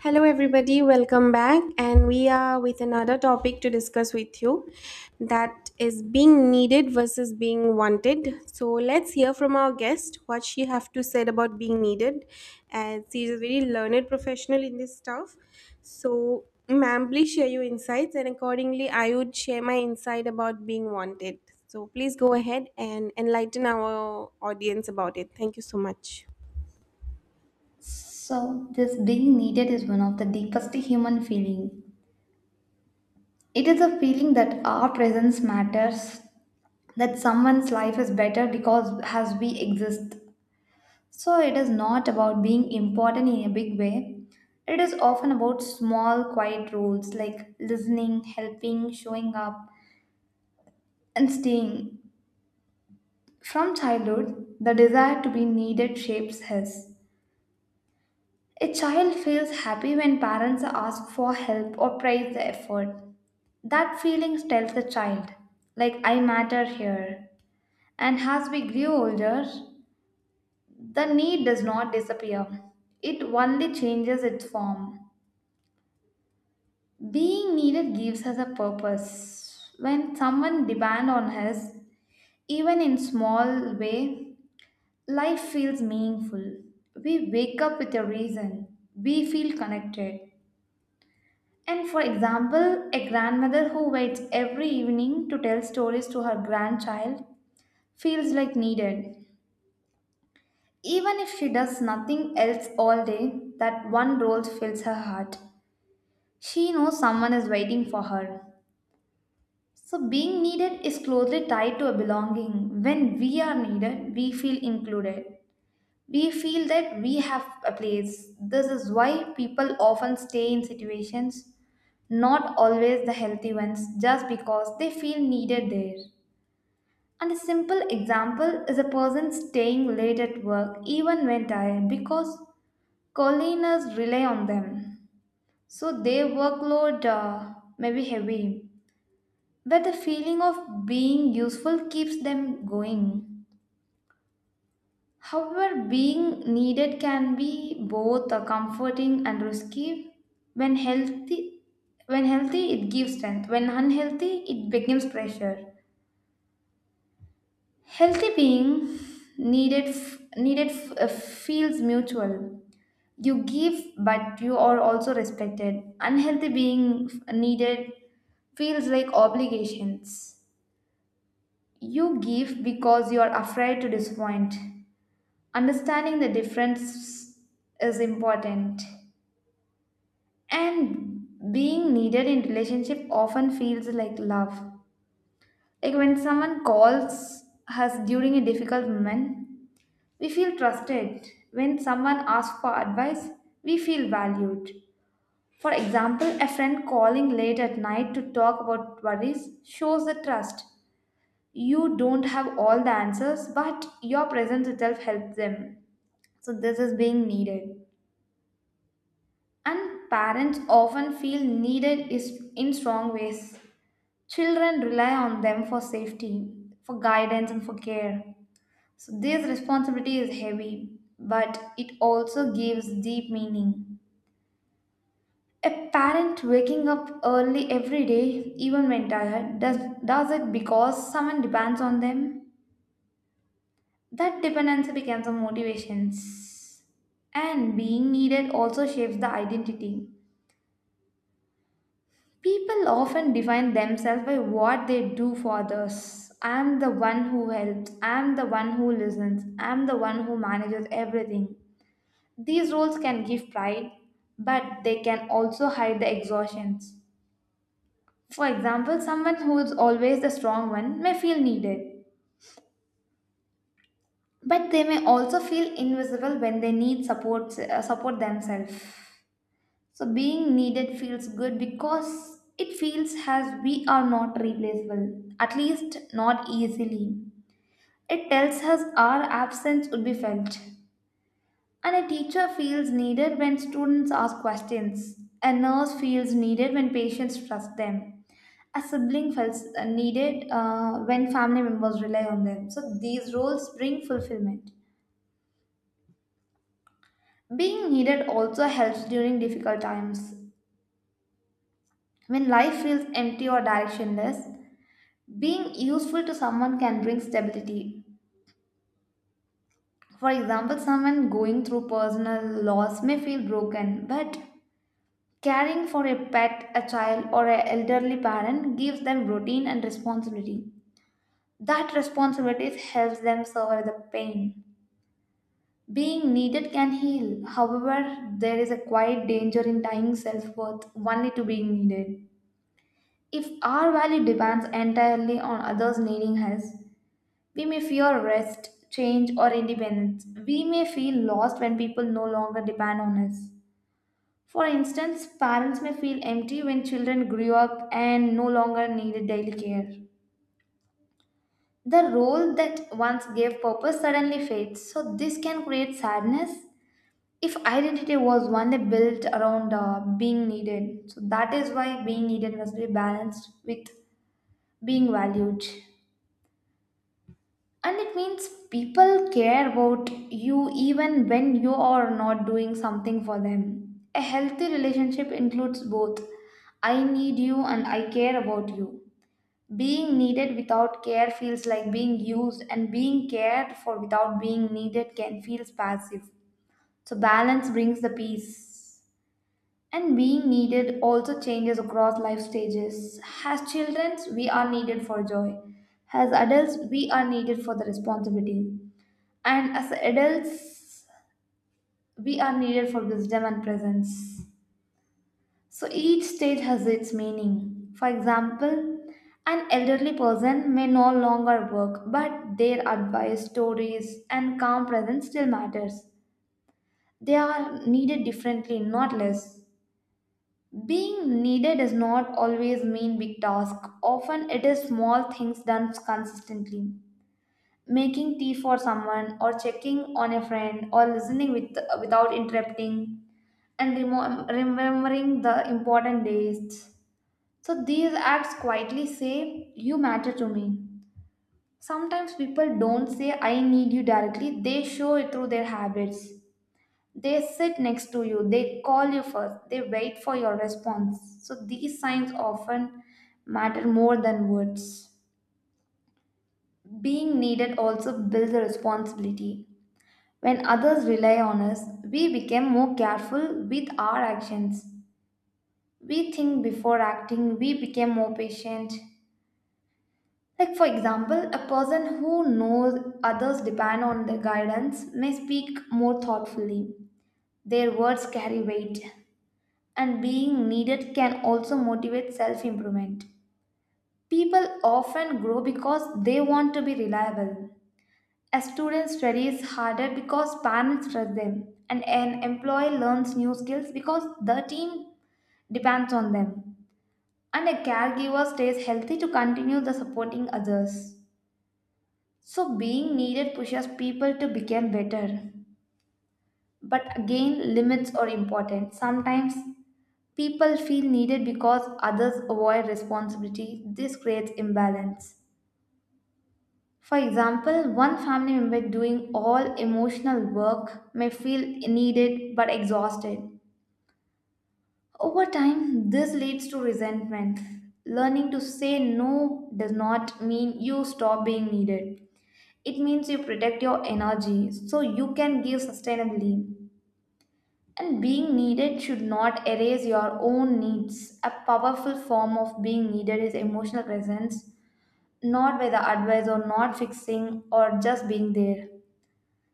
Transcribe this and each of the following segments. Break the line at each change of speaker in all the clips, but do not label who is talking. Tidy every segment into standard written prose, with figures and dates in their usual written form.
Hello, everybody, welcome back. And we are with another topic to discuss with you that is being needed versus being wanted. So, let's hear from our guest what she have to say about being needed, as she is a very learned professional in this stuff. So, ma'am, please share your insights, and accordingly, I would share my insight about being wanted. So, please go ahead and enlighten our audience about it. Thank you so much.
So, this being needed is one of the deepest human feeling. It is a feeling that our presence matters, that someone's life is better because as we exist. So, it is not about being important in a big way. It is often about small, quiet roles like listening, helping, showing up, and staying. From childhood, the desire to be needed shapes us. A child feels happy when parents ask for help or praise the effort. That feeling tells the child, like, I matter here. And as we grow older, the need does not disappear, it only changes its form. Being needed gives us a purpose. When someone depends on us, even in small way, life feels meaningful. We wake up with a reason. We feel connected. And for example, a grandmother who waits every evening to tell stories to her grandchild feels like needed. Even if she does nothing else all day, that one role fills her heart. She knows someone is waiting for her. So, being needed is closely tied to a belonging. When we are needed, we feel included. We feel that we have a place. This is why people often stay in situations not always the healthy ones, just because they feel needed there. And a simple example is a person staying late at work even when tired because colleagues rely on them. So their workload may be heavy, but the feeling of being useful keeps them going. However, being needed can be both comforting and risky. When healthy, when healthy, it gives strength. When unhealthy, it becomes pressure. Healthy being feels mutual. You give, but you are also respected. Unhealthy being needed feels like obligations. You give because you are afraid to disappoint. Understanding the difference is important. And being needed in relationship often feels like love. Like when someone calls us during a difficult moment, we feel trusted. When someone asks for advice, we feel valued. For example, a friend calling late at night to talk about worries shows the trust. You don't have all the answers, but your presence itself helps them. So, this is being needed. And parents often feel needed is in strong ways. Children rely on them for safety, for guidance, and for care. So this responsibility is heavy, but it also gives deep meaning. A parent waking up early every day, even when tired, does it because someone depends on them. That dependency becomes a motivation. And being needed also shapes the identity. People often define themselves by what they do for others. I am the one who helps. I am the one who listens. I am the one who manages everything. These roles can give pride, but they can also hide the exhaustions. For example, someone who is always the strong one may feel needed, but they may also feel invisible when they need support themselves. So being needed feels good because it feels as we are not replaceable, at least not easily. It tells us our absence would be felt. And a teacher feels needed when students ask questions. A nurse feels needed when patients trust them. A sibling feels needed when family members rely on them. So these roles bring fulfillment. Being needed also helps during difficult times. When life feels empty or directionless, being useful to someone can bring stability. For example, someone going through personal loss may feel broken, but caring for a pet, a child, or an elderly parent gives them routine and responsibility. That responsibility helps them survive the pain. Being needed can heal. However, there is a quiet danger in tying self worth only to being needed. If our value depends entirely on others needing us, we may fear rest, change, or independence. We may feel lost when people no longer depend on us. For instance, parents may feel empty when children grew up and no longer needed daily care. The role that once gave purpose suddenly fades, so this can create sadness if identity was only built around being needed. So that is why being needed must be balanced with being valued. And it means people care about you even when you are not doing something for them. A healthy relationship includes both I need you and I care about you. Being needed without care feels like being used, and being cared for without being needed can feel passive. So, balance brings the peace. And being needed also changes across life stages. As children, we are needed for joy. As adults, we are needed for the responsibility. And as adults, we are needed for wisdom and presence. So each stage has its meaning. For example, an elderly person may no longer work, but their advice, stories, and calm presence still matters. They are needed differently, not less. Being needed does not always mean big task. Often it is small things done consistently. Making tea for someone or checking on a friend or listening with without interrupting and remembering the important dates. So these acts quietly say, you matter to me. Sometimes people don't say, I need you directly, they show it through their habits. They sit next to you, they call you first, they wait for your response. So these signs often matter more than words. Being needed also builds a responsibility. When others rely on us, we become more careful with our actions. We think before acting, we become more patient. Like, for example, a person who knows others depend on their guidance may speak more thoughtfully. Their words carry weight, and being needed can also motivate self improvement. People often grow because they want to be reliable. A student studies harder because parents trust them, and an employee learns new skills because the team depends on them. And a caregiver stays healthy to continue the supporting others. So being needed pushes people to become better. But again, limits are important. Sometimes people feel needed because others avoid responsibility. This creates imbalance. For example, one family member doing all emotional work may feel needed but exhausted. Over time, this leads to resentment. Learning to say no does not mean you stop being needed. It means you protect your energy so you can give sustainably. And being needed should not erase your own needs. A powerful form of being needed is emotional presence, not by the advice or not fixing or just being there.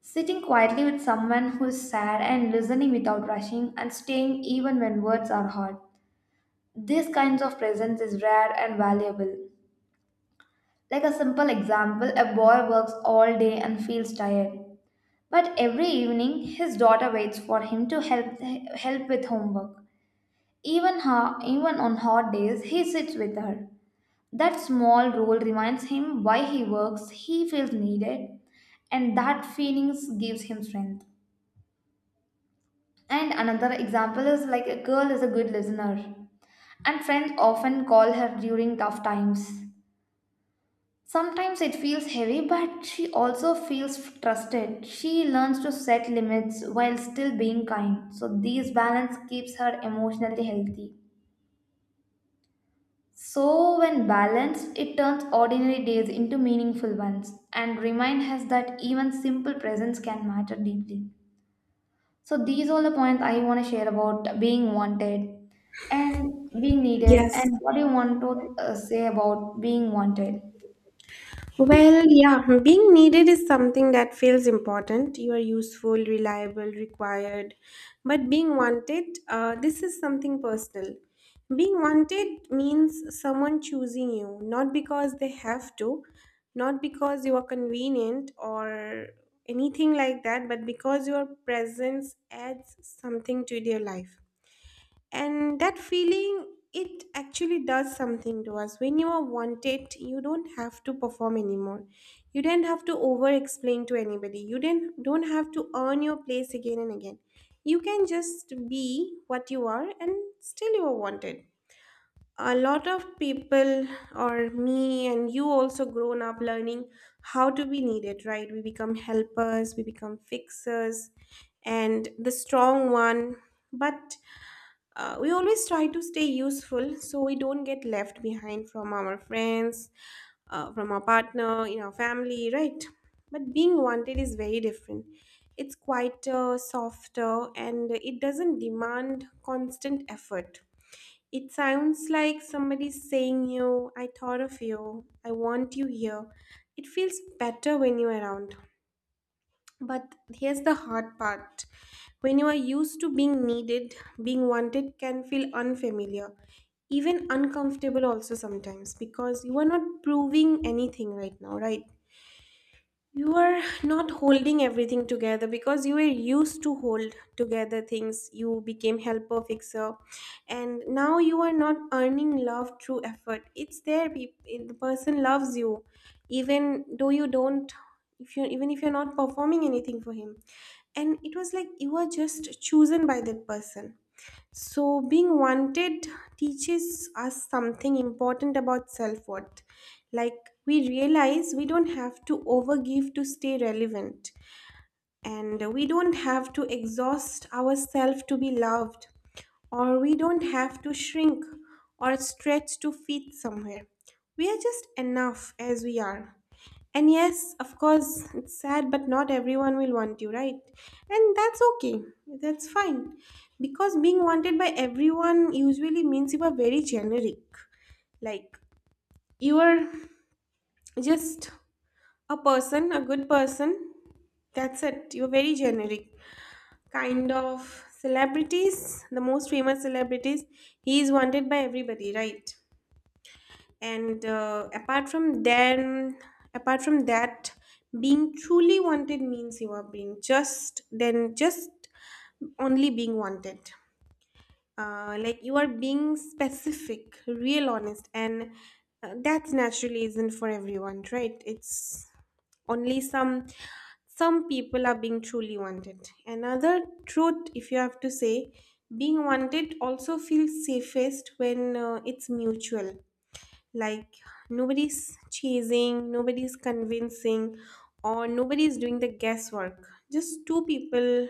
Sitting quietly with someone who is sad and listening without rushing and staying even when words are hard. These kinds of presence is rare and valuable. Like a simple example, a boy works all day and feels tired. But every evening, his daughter waits for him to help with homework. Even her, even on hot days, he sits with her. That small role reminds him why he works. He feels needed, and that feelings gives him strength. And another example is like a girl is a good listener, and friends often call her during tough times. Sometimes it feels heavy, but she also feels trusted. She learns to set limits while still being kind. So, this balance keeps her emotionally healthy. So, when balanced, it turns ordinary days into meaningful ones and reminds us that even simple presence can matter deeply. So, these are the points I want to share about being wanted and being needed.
Yes.
And what do you want to say about being wanted?
Well, yeah, being needed is something that feels important. You are useful, reliable, required. But being wanted, this is something personal. Being wanted means someone choosing you, not because they have to, not because you are convenient or anything like that, but because your presence adds something to their life, and that feeling, it actually does something to us. When you are wanted, you don't have to perform anymore, you don't have to over explain to anybody, you don't have to earn your place again and again. You can just be what you are, and still you are wanted. A lot of people, or me and you also, grown up learning how to be needed, right? We become helpers, we become fixers and the strong one. But we always try to stay useful so we don't get left behind from our friends, from our partner, in our family, right? But being wanted is very different. It's quieter, softer, and it doesn't demand constant effort. It sounds like somebody saying, you, I thought of you, I want you here. It feels better when you're around. But here's the hard part. When you are used to being needed, being wanted can feel unfamiliar, even uncomfortable also sometimes, because you are not proving anything right now, right? You are not holding everything together, because you were used to hold together things, you became helper, fixer. And now you are not earning love through effort. It's there. The person loves you, even though you don't, if you even if you're not performing anything for him. And it was like you were just chosen by that person. So, being wanted teaches us something important about self worth. Like, we realize we don't have to overgive to stay relevant, and we don't have to exhaust ourselves to be loved, or we don't have to shrink or stretch to fit somewhere. We are just enough as we are. And yes, of course, it's sad, but not everyone will want you, right? And that's okay. That's fine. Because being wanted by everyone usually means you are very generic. Like, you are just a person, a good person. That's it. You're very generic. Kind of celebrities, the most famous celebrities, he is wanted by everybody, right? And apart from that, being truly wanted means you are being just then just only being wanted, like you are being specific, real, honest. And that naturally isn't for everyone, right? It's only some. Some people are being truly wanted. Another truth, if you have to say, being wanted also feels safest when it's mutual. Like, nobody's chasing, nobody's convincing, or nobody's doing the guesswork. Just two people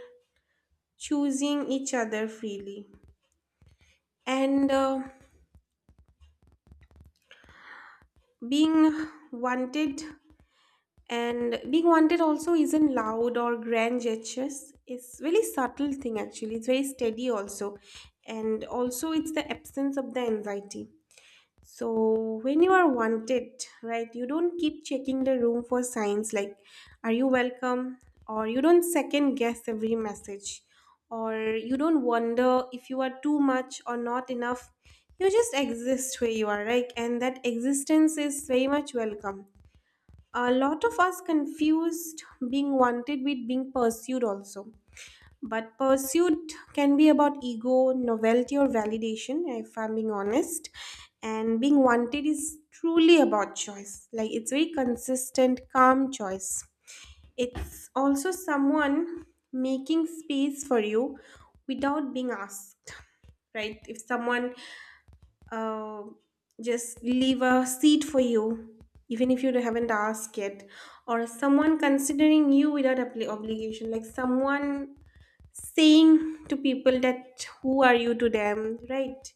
choosing each other freely. And being wanted being wanted also isn't loud or grand gestures. It's really subtle thing, actually. It's very steady also, and also it's the absence of the anxiety. So, when you are wanted, right, you don't keep checking the room for signs like, are you welcome? Or you don't second guess every message. Or you don't wonder if you are too much or not enough. You just exist where you are, right? And that existence is very much welcome. A lot of us confused being wanted with being pursued also, but pursuit can be about ego, novelty, or validation, if I'm being honest. And being wanted is truly about choice. Like, it's very consistent, calm choice. It's also someone making space for you without being asked, right? If someone uh, just leave a seat for you, even if you haven't asked yet, or someone considering you without obligation, like someone saying to people that who are you to them, right?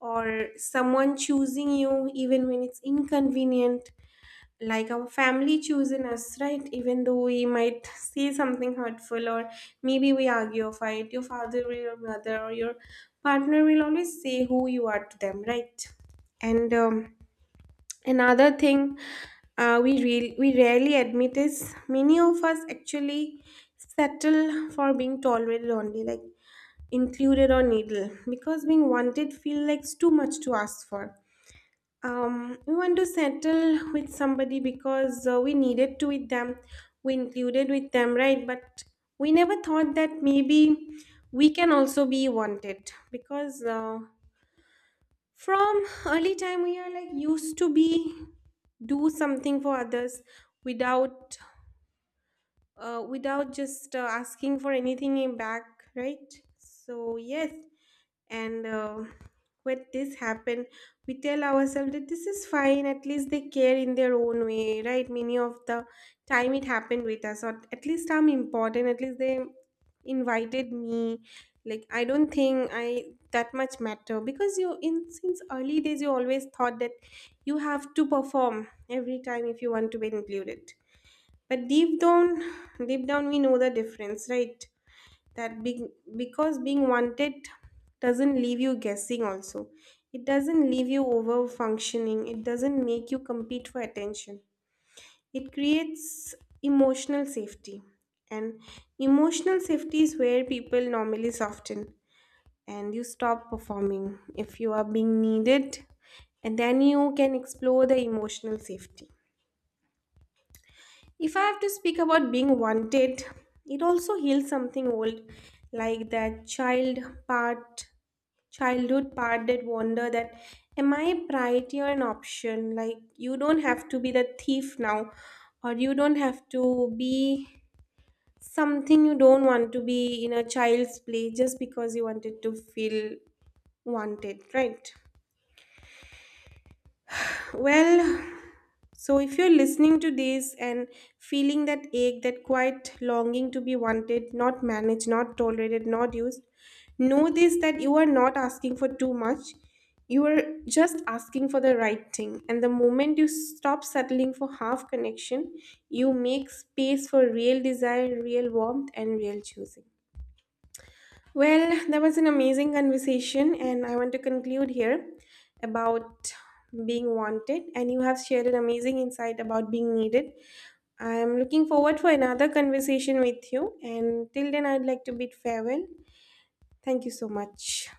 Or someone choosing you even when it's inconvenient, like our family choosing us, right? Even though we might say something hurtful, or maybe we argue or fight, your father or your mother or your partner will always say who you are to them, right? And another thing, we rarely admit, is many of us actually settle for being tolerated only, like included or needle, because being wanted feel like it's too much to ask for. We want to settle with somebody because we needed to with them, we included with them, right? But we never thought that maybe we can also be wanted, because from early time we are like used to be do something for others without without just asking for anything in back, right? So yes. And when this happen, we tell ourselves that this is fine, at least they care in their own way, right? Many of the time it happened with us, or at least I'm important, at least they invited me. Like, I don't think I that much matter, because you, in since early days you always thought that you have to perform every time if you want to be included. But deep down we know the difference, right? that being because Being wanted doesn't leave you guessing also, it doesn't leave you over functioning, it doesn't make you compete for attention. It creates emotional safety, and emotional safety is where people normally soften, and you stop performing if you are being needed, and then you can explore the emotional safety. If I have to speak about being wanted, it also heals something old. Like that part childhood part that wonder that, am I priority or an option? Like, you don't have to be the thief now, or you don't have to be something you don't want to be in a child's play just because you wanted to feel wanted, right? Well, so, if you're listening to this and feeling that ache, that quiet longing to be wanted, not managed, not tolerated, not used, know this that you are not asking for too much. You are just asking for the right thing. And the moment you stop settling for half connection, you make space for real desire, real warmth, and real choosing. Well, that was an amazing conversation, and I want to conclude here about being wanted. And you have shared an amazing insight about being needed. I'm looking forward for another conversation with you. And till then, I'd like to bid farewell. Thank you so much.